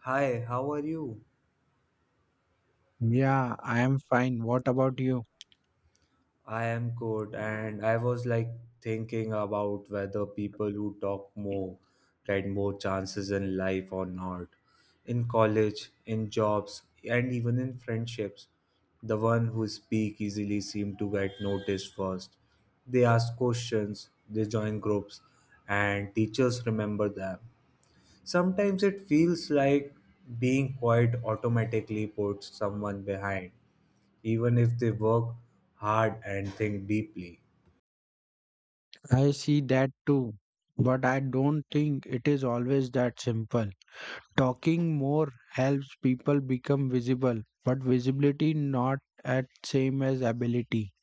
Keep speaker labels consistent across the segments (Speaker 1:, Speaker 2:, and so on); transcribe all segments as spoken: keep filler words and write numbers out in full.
Speaker 1: Hi, how are you?
Speaker 2: Yeah, I am fine. What about you?
Speaker 1: I am good, and I was like thinking about whether people who talk more get more chances in life or not. In college, in jobs, and even in friendships, the one who speak easily seem to get noticed first. They ask questions, they join groups, and teachers remember them. Sometimes it feels like being quiet automatically puts someone behind, even if they work hard and think deeply.
Speaker 2: I see that too. But I don't think it is always that simple. Talking more helps people become visible, but visibility not at same as ability.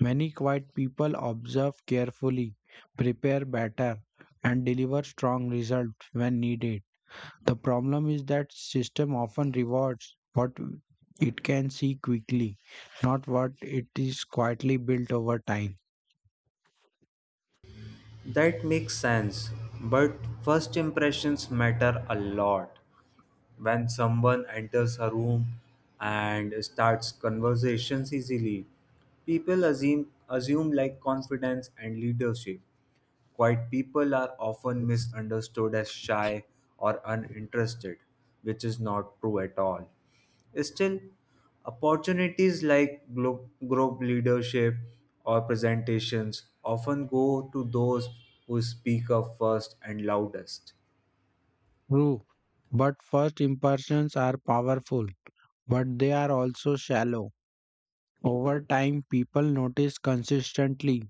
Speaker 2: Many quiet people observe carefully, prepare better, and deliver strong results when needed. The problem is that system often rewards what it can see quickly, not what it is quietly built over time.
Speaker 1: That makes sense, but first impressions matter a lot. When someone enters a room and starts conversations easily, people assume assume like confidence and leadership. Quiet people are often misunderstood as shy or uninterested, which is not true at all. Still, opportunities like glo- group leadership or presentations often go to those who speak up first and loudest.
Speaker 2: True, but first impressions are powerful, but they are also shallow. Over time, people notice consistently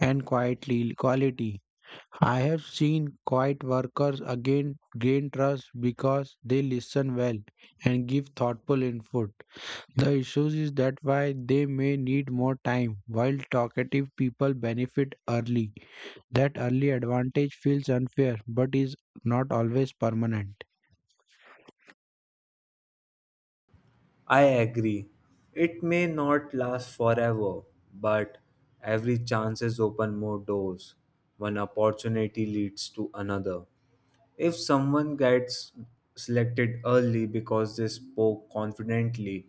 Speaker 2: and quietly quality. I have seen quiet workers again gain trust because they listen well and give thoughtful input. The issue is that why they may need more time, while talkative people benefit early. That early advantage feels unfair but is not always permanent.
Speaker 1: I agree. It may not last forever, but every chance is open more doors. One opportunity leads to another. If someone gets selected early because they spoke confidently,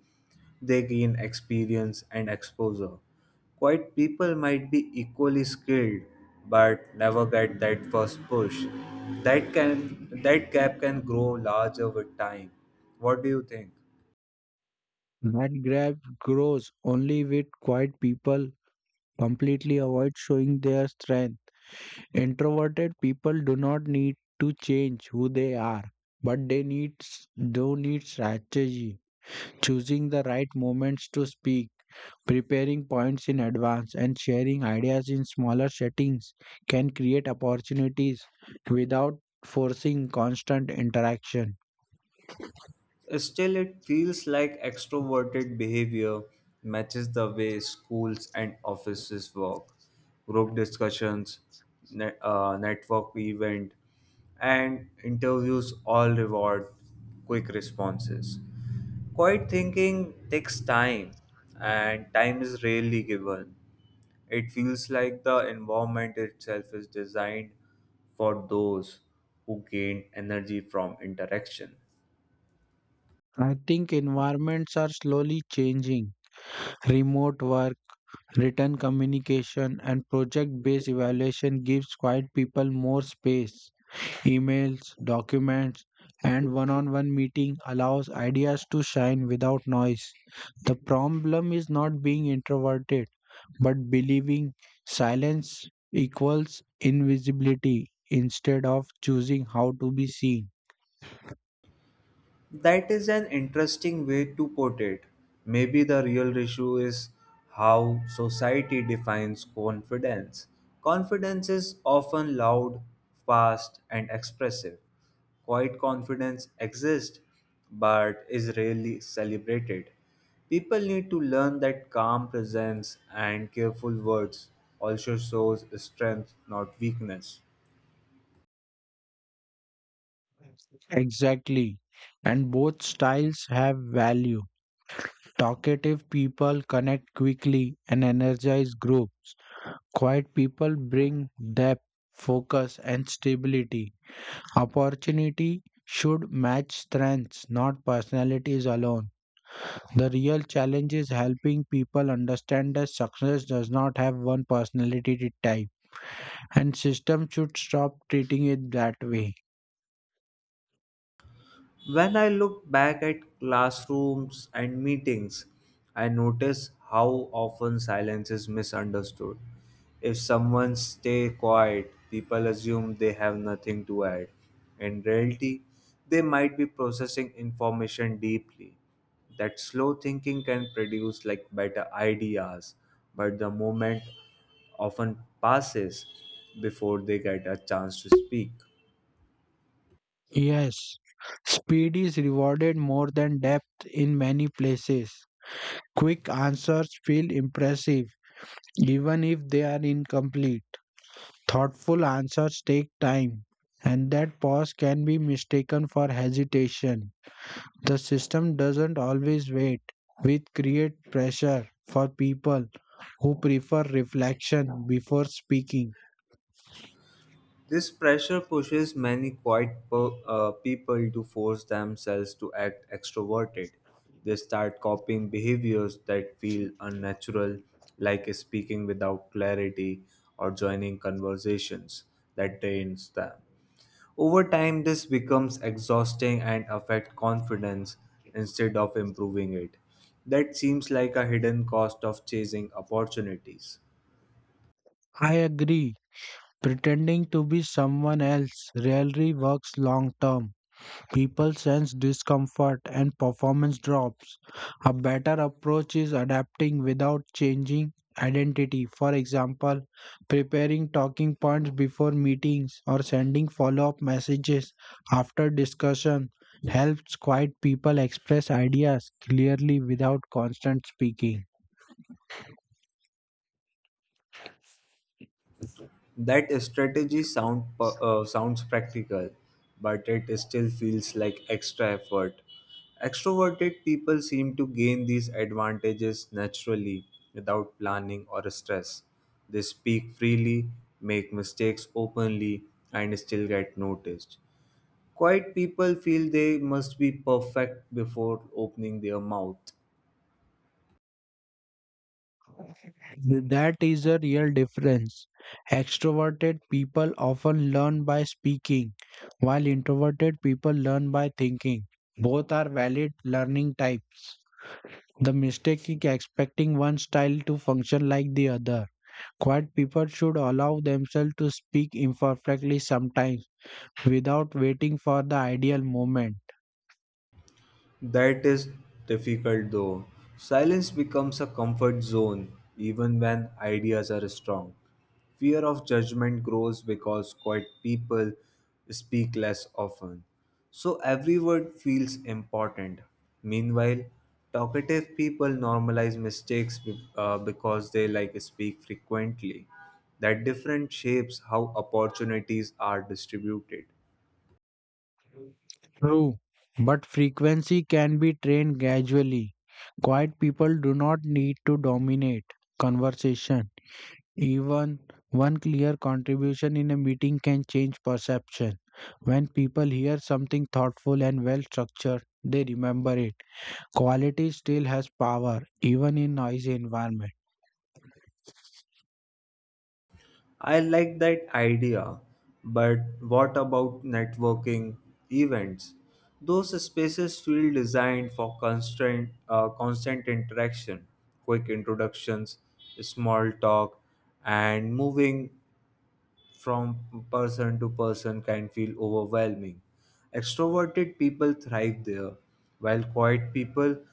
Speaker 1: they gain experience and exposure. Quiet people might be equally skilled but never get that first push. That can that gap can grow larger with time. What do you think?
Speaker 2: That gap grows only with quiet people completely avoid showing their strength. Introverted people do not need to change who they are, but they need do need strategy, choosing the right moments to speak, preparing points in advance, and sharing ideas in smaller settings can create opportunities without forcing constant interaction.
Speaker 1: Still, it feels like extroverted behavior matches the way schools and offices work. Group discussions, net, uh, network event, and interviews all reward quick responses. Quiet thinking takes time, and time is rarely given. It feels like the environment itself is designed for those who gain energy from interaction.
Speaker 2: I think environments are slowly changing. Remote work. Written communication and project-based evaluation gives quiet people more space. Emails, documents, and one-on-one meeting allows ideas to shine without noise. The problem is not being introverted, but believing silence equals invisibility instead of choosing how to be seen.
Speaker 1: That is an interesting way to put it. Maybe the real issue is how society defines confidence. Confidence is often loud, fast, and expressive. Quiet confidence exists but is rarely celebrated. People need to learn that calm presence and careful words also shows strength, not weakness.
Speaker 2: Exactly. And both styles have value. Talkative people connect quickly and energize groups. Quiet people bring depth, focus, and stability. Opportunity should match strengths, not personalities alone. The real challenge is helping people understand that success does not have one personality type, and system should stop treating it that way.
Speaker 1: When I look back at classrooms and meetings, I notice how often silence is misunderstood. If someone stays quiet, people assume they have nothing to add. In reality, they might be processing information deeply. That slow thinking can produce like better ideas, but the moment often passes before they get a chance to speak.
Speaker 2: Yes, speed is rewarded more than depth in many places. Quick answers feel impressive, even if they are incomplete. Thoughtful answers take time, and that pause can be mistaken for hesitation. The system doesn't always wait, which create pressure for people who prefer reflection before speaking.
Speaker 1: This pressure pushes many quiet per- uh, people to force themselves to act extroverted. They start copying behaviors that feel unnatural, like speaking without clarity or joining conversations that drains them. Over time, this becomes exhausting and affect confidence instead of improving it. That seems like a hidden cost of chasing opportunities.
Speaker 2: I agree. Pretending to be someone else rarely works long term. People sense discomfort and performance drops. A better approach is adapting without changing identity. For example, preparing talking points before meetings or sending follow up messages after discussion helps quiet people express ideas clearly without constant speaking.
Speaker 1: That strategy sound pa- uh, sounds practical, but it still feels like extra effort. Extroverted people seem to gain these advantages naturally without planning or stress. They speak freely, make mistakes openly, and still get noticed. Quiet people feel they must be perfect before opening their mouth.
Speaker 2: That is a real difference. Extroverted people often learn by speaking, while introverted people learn by thinking. Both are valid learning types. The mistake is expecting one style to function like the other. Quiet people should allow themselves to speak imperfectly sometimes without waiting for the ideal moment.
Speaker 1: That is difficult though. Silence becomes a comfort zone even when ideas are strong. Fear of judgment grows because quiet people speak less often. So every word feels important. Meanwhile, talkative people normalize mistakes be- uh, because they like speak frequently. That different shapes how opportunities are distributed.
Speaker 2: True, but frequency can be trained gradually. Quiet people do not need to dominate conversation. Even one clear contribution in a meeting can change perception. When people hear something thoughtful and well structured, they remember it. Quality still has power, even in noisy environment.
Speaker 1: I like that idea, but what about networking events? Those spaces feel designed for constant, uh, constant interaction, quick introductions, small talk, and moving from person to person can feel overwhelming. Extroverted people thrive there, while quiet people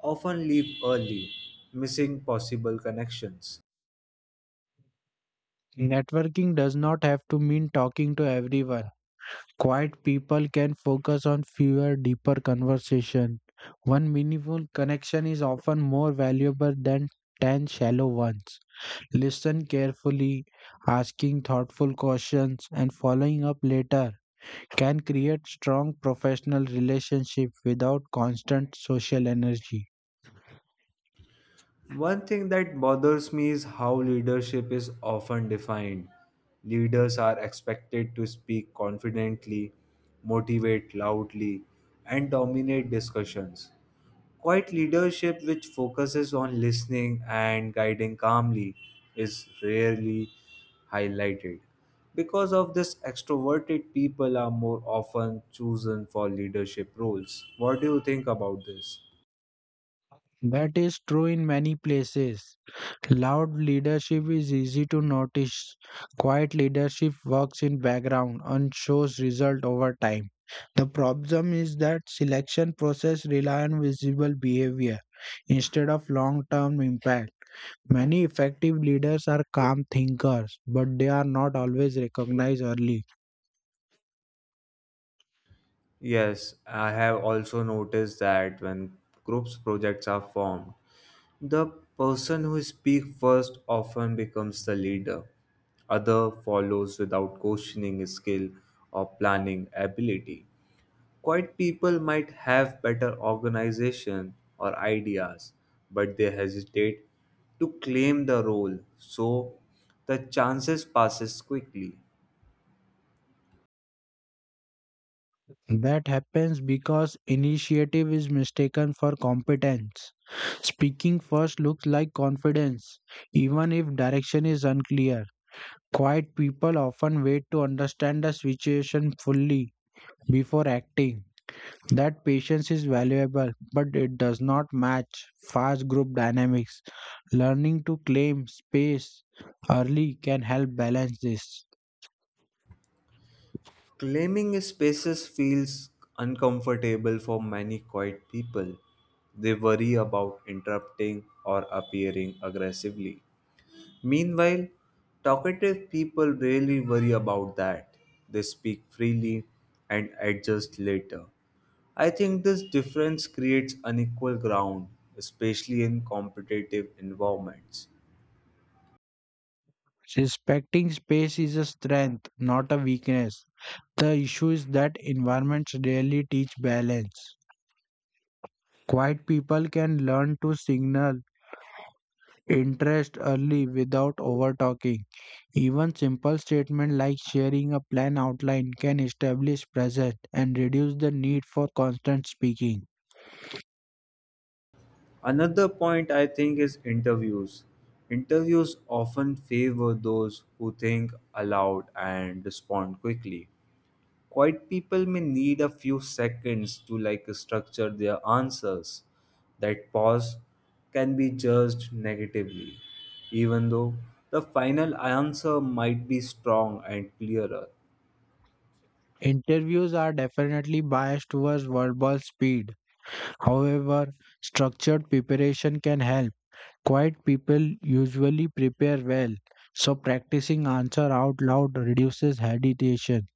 Speaker 1: often leave early, missing possible connections.
Speaker 2: Networking does not have to mean talking to everyone. Quiet people can focus on fewer, deeper conversation. One meaningful connection is often more valuable than ten shallow ones. Listen carefully, asking thoughtful questions, and following up later can create strong professional relationship without constant social energy.
Speaker 1: One thing that bothers me is how leadership is often defined. Leaders are expected to speak confidently, motivate loudly, and dominate discussions. Quiet leadership, which focuses on listening and guiding calmly, is rarely highlighted. Because of this, extroverted people are more often chosen for leadership roles. What do you think about this?
Speaker 2: That is true in many places. Loud leadership is easy to notice. Quiet leadership works in background and shows result over time. The problem is that selection process rely on visible behavior instead of long-term impact. Many effective leaders are calm thinkers, but they are not always recognized early.
Speaker 1: Yes, I have also noticed that when groups projects are formed, the person who speaks first often becomes the leader. Other follows without questioning his skill or planning ability. Quiet people might have better organization or ideas, but they hesitate to claim the role, so the chances passes quickly.
Speaker 2: That happens because initiative is mistaken for competence. Speaking first looks like confidence, even if direction is unclear. Quiet people often wait to understand the situation fully before acting. That patience is valuable, but it does not match fast group dynamics. Learning to claim space early can help balance this.
Speaker 1: Claiming spaces feels uncomfortable for many quiet people. They worry about interrupting or appearing aggressively. Meanwhile, talkative people rarely worry about that. They speak freely and adjust later. I think this difference creates unequal ground, especially in competitive environments.
Speaker 2: Respecting space is a strength, not a weakness. The issue is that environments rarely teach balance. Quiet people can learn to signal interest early without overtalking. Even simple statements like sharing a plan outline can establish presence and reduce the need for constant speaking.
Speaker 1: Another point I think is interviews. Interviews often favor those who think aloud and respond quickly. Quiet people may need a few seconds to like structure their answers. That pause can be judged negatively, even though the final answer might be strong and clearer.
Speaker 2: Interviews are definitely biased towards verbal speed. However, structured preparation can help. Quiet people usually prepare well, so practicing answer out loud reduces hesitation.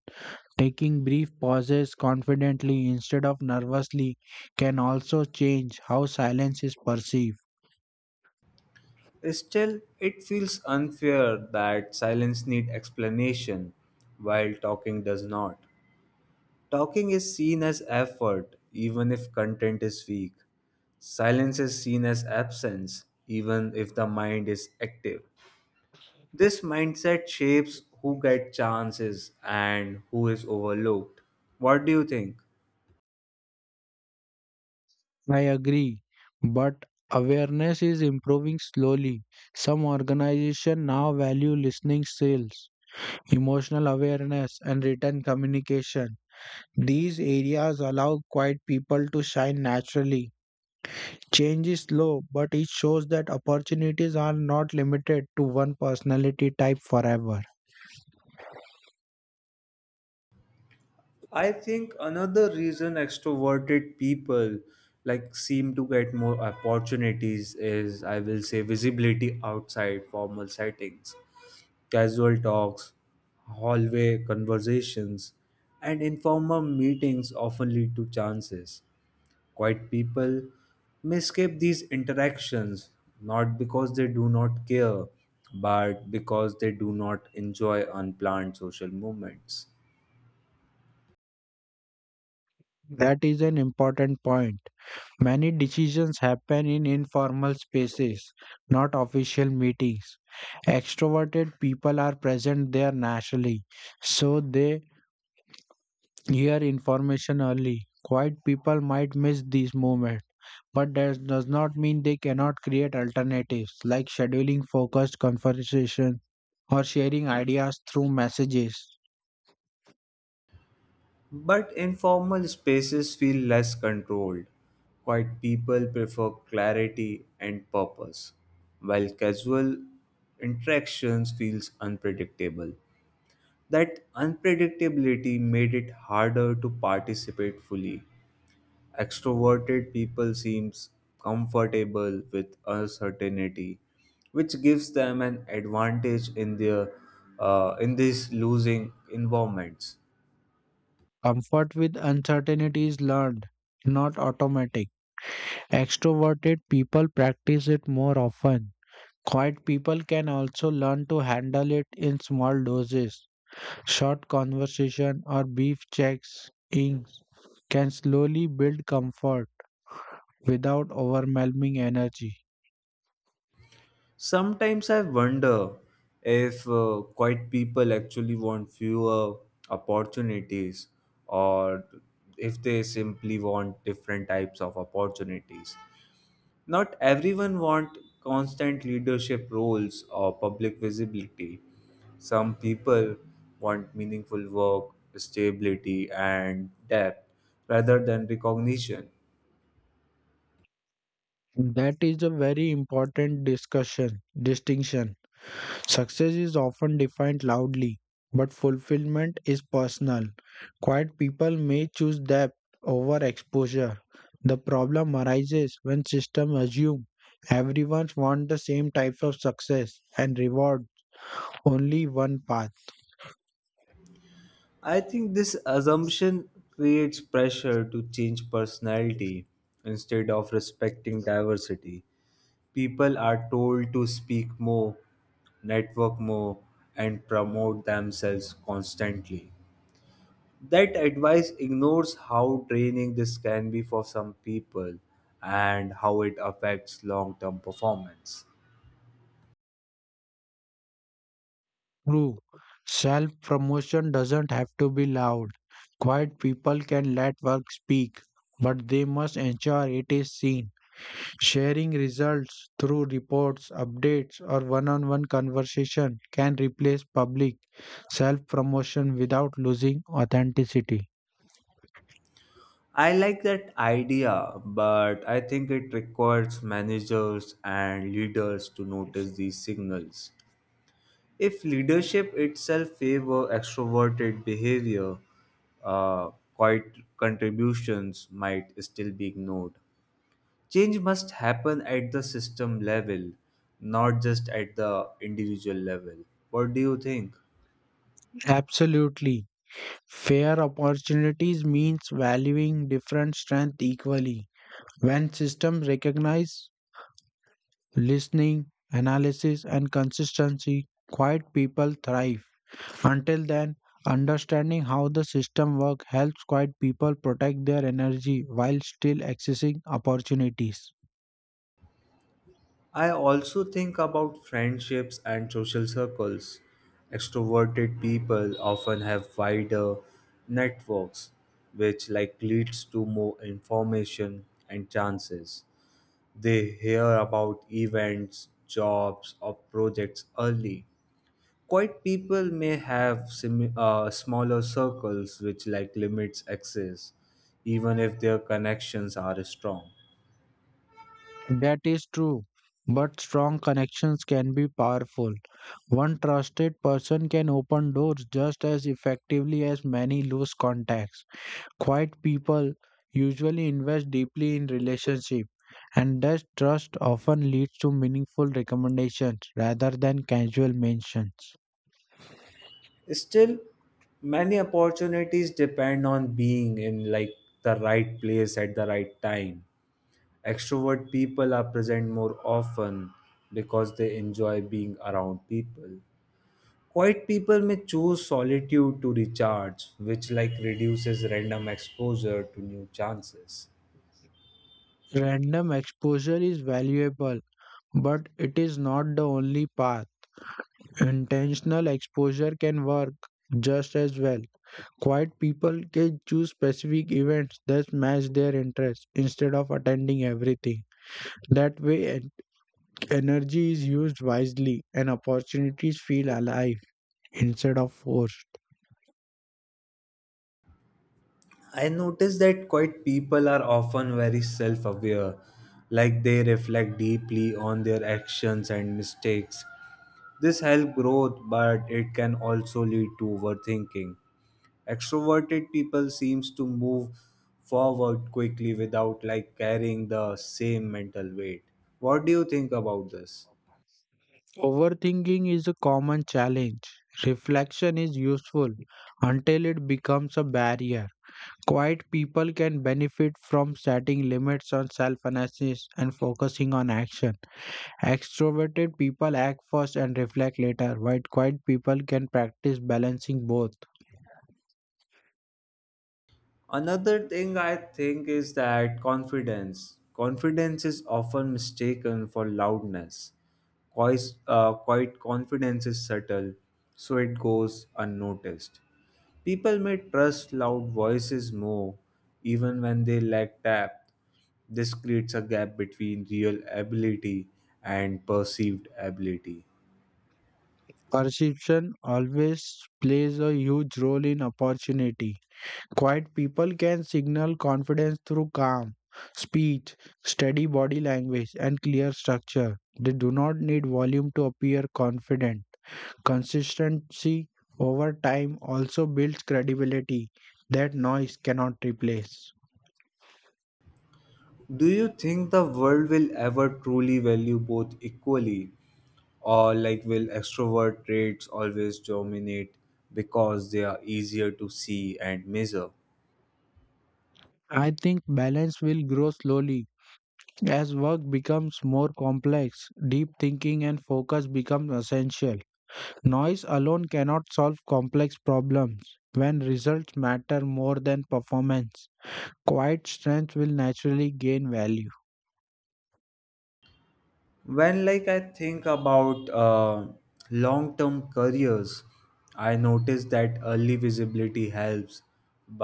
Speaker 2: Taking brief pauses confidently instead of nervously can also change how silence is perceived.
Speaker 1: Still, it feels unfair that silence needs explanation while talking does not. Talking is seen as effort, even if content is weak. Silence is seen as absence, even if the mind is active. This mindset shapes who get chances and who is overlooked. What do you think?
Speaker 2: I agree, but awareness is improving slowly. Some organizations now value listening skills, emotional awareness, and written communication. These areas allow quiet people to shine naturally. Change is slow, but it shows that opportunities are not limited to one personality type forever.
Speaker 1: I think another reason extroverted people like seem to get more opportunities is I will say visibility outside formal settings. Casual talks, hallway conversations, and informal meetings often lead to chances. Quiet people may skip these interactions not because they do not care, but because they do not enjoy unplanned social movements.
Speaker 2: That is an important point. Many decisions happen in informal spaces, not official meetings. Extroverted people are present there naturally, so they hear information early. Quiet people might miss these moments, but that does not mean they cannot create alternatives like scheduling focused conversation or sharing ideas through messages.
Speaker 1: But informal spaces feel less controlled. Quiet people prefer clarity and purpose, while casual interactions feels unpredictable. That unpredictability made it harder to participate fully. Extroverted people seems comfortable with uncertainty, which gives them an advantage in their uh, in these losing environments.
Speaker 2: Comfort with uncertainty is learned, not automatic. Extroverted people practice it more often. Quiet people can also learn to handle it in small doses. Short conversation or brief checks in can slowly build comfort without overwhelming energy.
Speaker 1: Sometimes I wonder if uh, quiet people actually want fewer opportunities or if they simply want different types of opportunities. Not everyone want constant leadership roles or public visibility. Some people want meaningful work, stability, and depth rather than recognition.
Speaker 2: That is a very important discussion distinction. Success is often defined loudly, but fulfillment is personal. Quiet people may choose depth over exposure. The problem arises when systems assume everyone wants the same types of success and reward only one path.
Speaker 1: I think this assumption creates pressure to change personality instead of respecting diversity. People are told to speak more, network more, and promote themselves constantly. That advice ignores how draining this can be for some people and how it affects long term performance.
Speaker 2: True, self promotion doesn't have to be loud. Quiet people can let work speak, but they must ensure it is seen. Sharing results through reports, updates, or one on one conversation can replace public self promotion without losing authenticity.
Speaker 1: I like that idea, but I think it requires managers and leaders to notice these signals. If leadership itself favor extroverted behavior, uh, quiet contributions might still be ignored. Change must happen at the system level, not just at the individual level. What do you think?
Speaker 2: Absolutely. Fair opportunities means valuing different strengths equally. When systems recognize listening, analysis, and consistency, quiet people thrive. Until then, understanding how the system works helps quiet people protect their energy while still accessing opportunities.
Speaker 1: I also think about friendships and social circles. Extroverted people often have wider networks, which like leads to more information and chances. They hear about events, jobs, or projects early. Quiet people may have sim- uh, smaller circles which like limits access even if their connections are strong.
Speaker 2: That is true, but strong connections can be powerful. One trusted person can open doors just as effectively as many loose contacts. Quiet people usually invest deeply in relationship and that trust often leads to meaningful recommendations rather than casual mentions.
Speaker 1: Still, many opportunities depend on being in like the right place at the right time. Extrovert people are present more often because they enjoy being around people. Quiet people may choose solitude to recharge, which like reduces random exposure to new chances.
Speaker 2: Random exposure is valuable, but it is not the only path. Intentional exposure can work just as well. Quiet people can choose specific events that match their interests instead of attending everything. That way, en- energy is used wisely and opportunities feel alive instead of forced.
Speaker 1: I notice that quite people are often very self aware, like they reflect deeply on their actions and mistakes. This helps growth, but it can also lead to overthinking. Extroverted people seems to move forward quickly without like carrying the same mental weight. What do you think about this?
Speaker 2: Overthinking is a common challenge. Reflection is useful until it becomes a barrier. Quiet people can benefit from setting limits on self analysis and focusing on action. Extroverted people act first and reflect later, while quiet people can practice balancing both.
Speaker 1: Another thing I think is that confidence. Confidence is often mistaken for loudness. Quiet, uh, quiet confidence is subtle, so it goes unnoticed. People may trust loud voices more, even when they lack depth. This creates a gap between real ability and perceived ability.
Speaker 2: Perception always plays a huge role in opportunity. Quiet people can signal confidence through calm speech, steady body language, and clear structure. They do not need volume to appear confident. Consistency over time also builds credibility that noise cannot replace.
Speaker 1: Do you think the world will ever truly value both equally, or like will extrovert traits always dominate because they are easier to see and measure?
Speaker 2: I think balance will grow slowly as work becomes more complex. Deep thinking and focus become essential. Noise alone cannot solve complex problems when results matter more than performance. Quiet strength will naturally gain value.
Speaker 1: When like I think about uh, long-term careers, I notice that early visibility helps,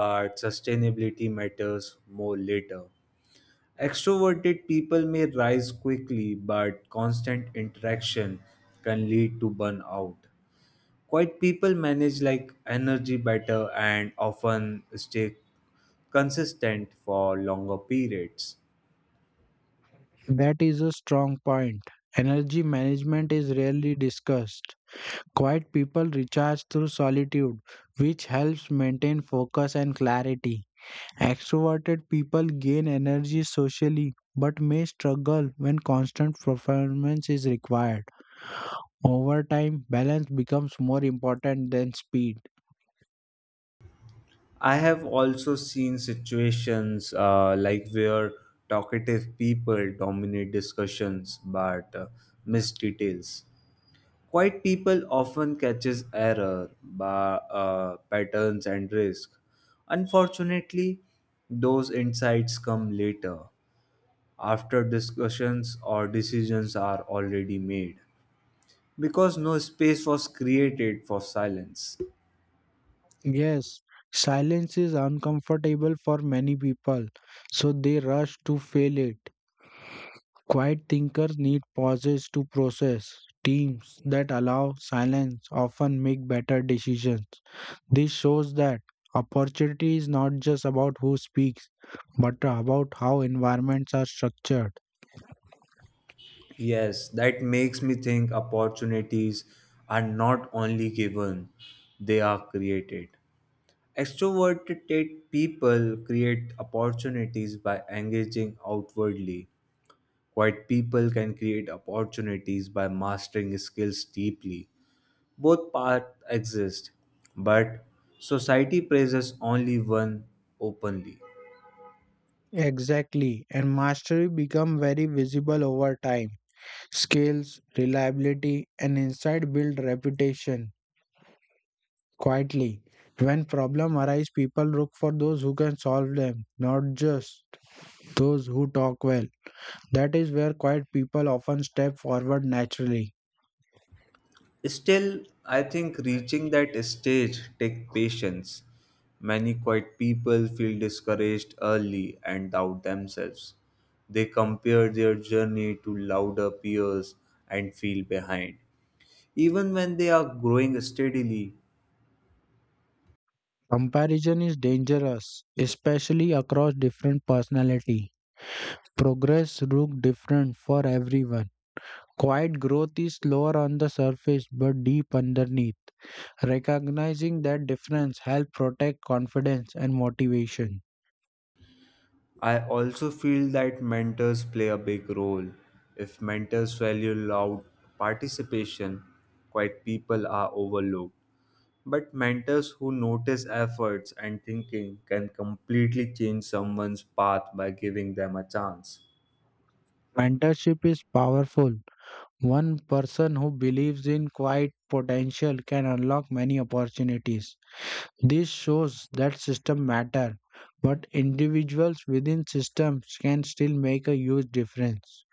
Speaker 1: but sustainability matters more later. Extroverted people may rise quickly, but constant interaction can lead to burnout. Quiet people manage like energy better and often stay consistent for longer periods.
Speaker 2: That is a strong point. Energy management is rarely discussed. Quiet people recharge through solitude, which helps maintain focus and clarity. Extroverted people gain energy socially but may struggle when constant performance is required. Over time, balance becomes more important than speed.
Speaker 1: I have also seen situations uh, like where talkative people dominate discussions but uh, miss details. Quiet people often catches error, ba- uh, patterns and risk. Unfortunately, those insights come later, after discussions or decisions are already made, because no space was created for silence.
Speaker 2: Yes, silence is uncomfortable for many people, so they rush to fill it. Quiet thinkers need pauses to process. Teams that allow silence often make better decisions. This shows that opportunity is not just about who speaks, but about how environments are structured.
Speaker 1: Yes, that makes me think opportunities are not only given, they are created. Extroverted people create opportunities by engaging outwardly. Quiet people can create opportunities by mastering skills deeply. Both paths exist, but society praises only one openly.
Speaker 2: Exactly, and mastery become very visible over time. Skills, reliability, and insight build reputation quietly. When problems arise, people look for those who can solve them, not just those who talk well. That is where quiet people often step forward naturally.
Speaker 1: Still, I think reaching that stage take patience. Many quiet people feel discouraged early and doubt themselves. They compare their journey to louder peers and feel behind. Even when they are growing steadily,
Speaker 2: Comparison is dangerous, especially across different personality. Progress looks different for everyone. Quiet growth is slower on the surface but deep underneath. Recognizing that difference helps protect confidence and motivation.
Speaker 1: I also feel that mentors play a big role. If mentors value loud participation, quiet people are overlooked. But mentors who notice efforts and thinking can completely change someone's path by giving them a chance.
Speaker 2: Mentorship is powerful. One person who believes in quiet potential can unlock many opportunities. This shows that systems matter, but individuals within systems can still make a huge difference.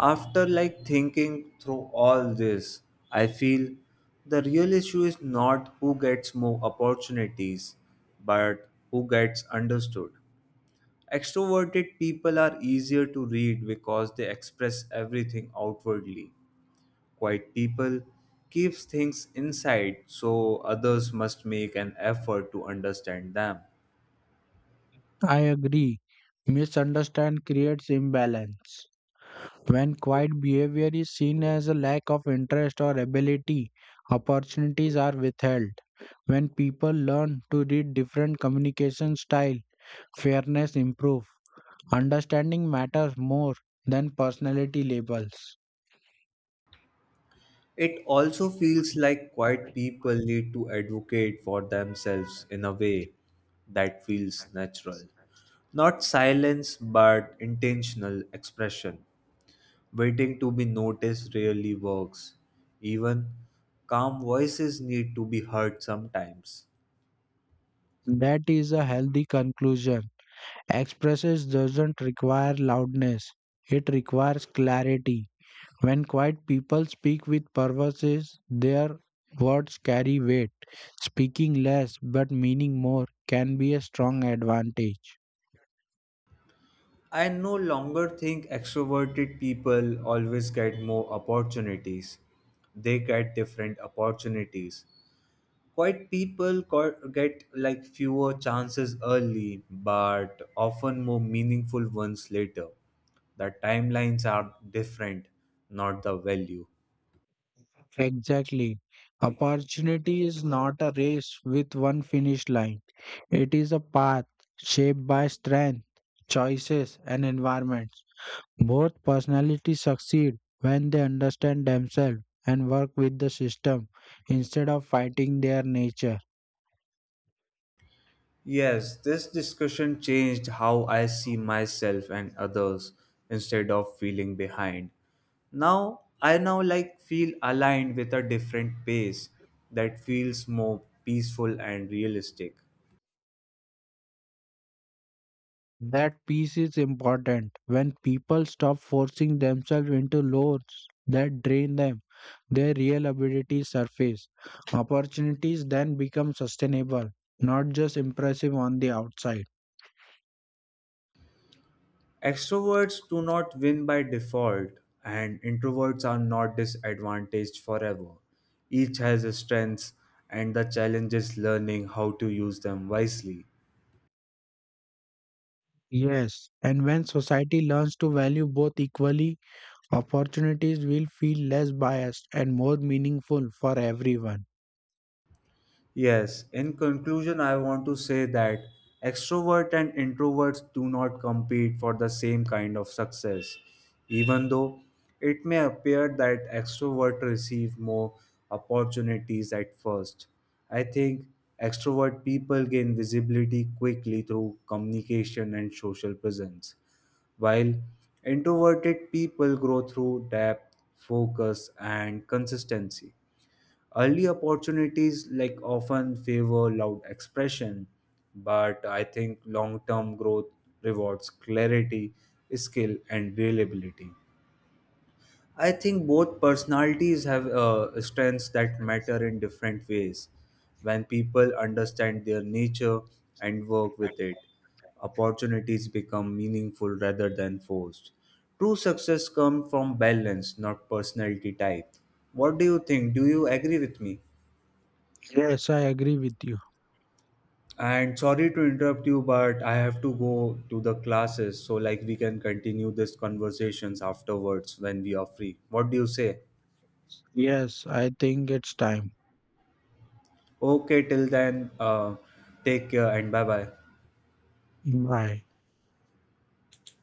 Speaker 1: After like thinking through all this, I feel the real issue is not who gets more opportunities, but who gets understood. Extroverted people are easier to read because they express everything outwardly. Quiet people keeps things inside so others must make an effort to understand them.
Speaker 2: I agree. Misunderstand creates imbalance. When quiet behavior is seen as a lack of interest or ability, opportunities are withheld. When people learn to read different communication style, fairness improve. Understanding matters more than personality labels.
Speaker 1: It also feels like quiet people need to advocate for themselves in a way that feels natural. Not silence, but intentional expression. Waiting to be noticed rarely works. Even calm voices need to be heard sometimes.
Speaker 2: That is a healthy conclusion. Expresses doesn't require loudness, it requires clarity. When quiet people speak with purposes, their words carry weight. Speaking less but meaning more can be a strong advantage.
Speaker 1: I no longer think extroverted people always get more opportunities. They get different opportunities. Quiet people co- get like fewer chances early, but often more meaningful ones later. The timelines are different, not the value.
Speaker 2: Exactly. Opportunity is not a race with one finish line, it is a path shaped by strength, choices, and environment. Both personalities succeed when they understand themselves and work with the system instead of fighting their nature.
Speaker 1: Yes, this discussion changed how I see myself and others instead of feeling behind. Now, I now like feel aligned with a different pace that feels more peaceful and realistic.
Speaker 2: That peace is important. When people stop forcing themselves into loads that drain them, their real abilities surface. Opportunities then become sustainable, not just impressive on the outside.
Speaker 1: Extroverts do not win by default, and introverts are not disadvantaged forever. Each has its strengths, and the challenge is learning how to use them wisely.
Speaker 2: Yes, and when society learns to value both equally, opportunities will feel less biased and more meaningful for everyone.
Speaker 1: Yes, in conclusion, I want to say that extroverts and introverts do not compete for the same kind of success, even though it may appear that extroverts receive more opportunities at first. I think extrovert people gain visibility quickly through communication and social presence, while introverted people grow through depth, focus, and consistency. Early opportunities like often favor loud expression, but I think long-term growth rewards clarity, skill, and reliability. I think both personalities have uh, strengths that matter in different ways. When people understand their nature and work with it, opportunities become meaningful rather than forced. True success comes from balance, not personality type. What do you think? Do you agree with me?
Speaker 2: Yes, I agree with you.
Speaker 1: And sorry to interrupt you, but I have to go to the classes. So, like, we can continue this conversations afterwards when we are free. What do you say?
Speaker 2: Yes, I think it's time.
Speaker 1: Okay, till then, uh, take care and bye bye.
Speaker 2: Bye.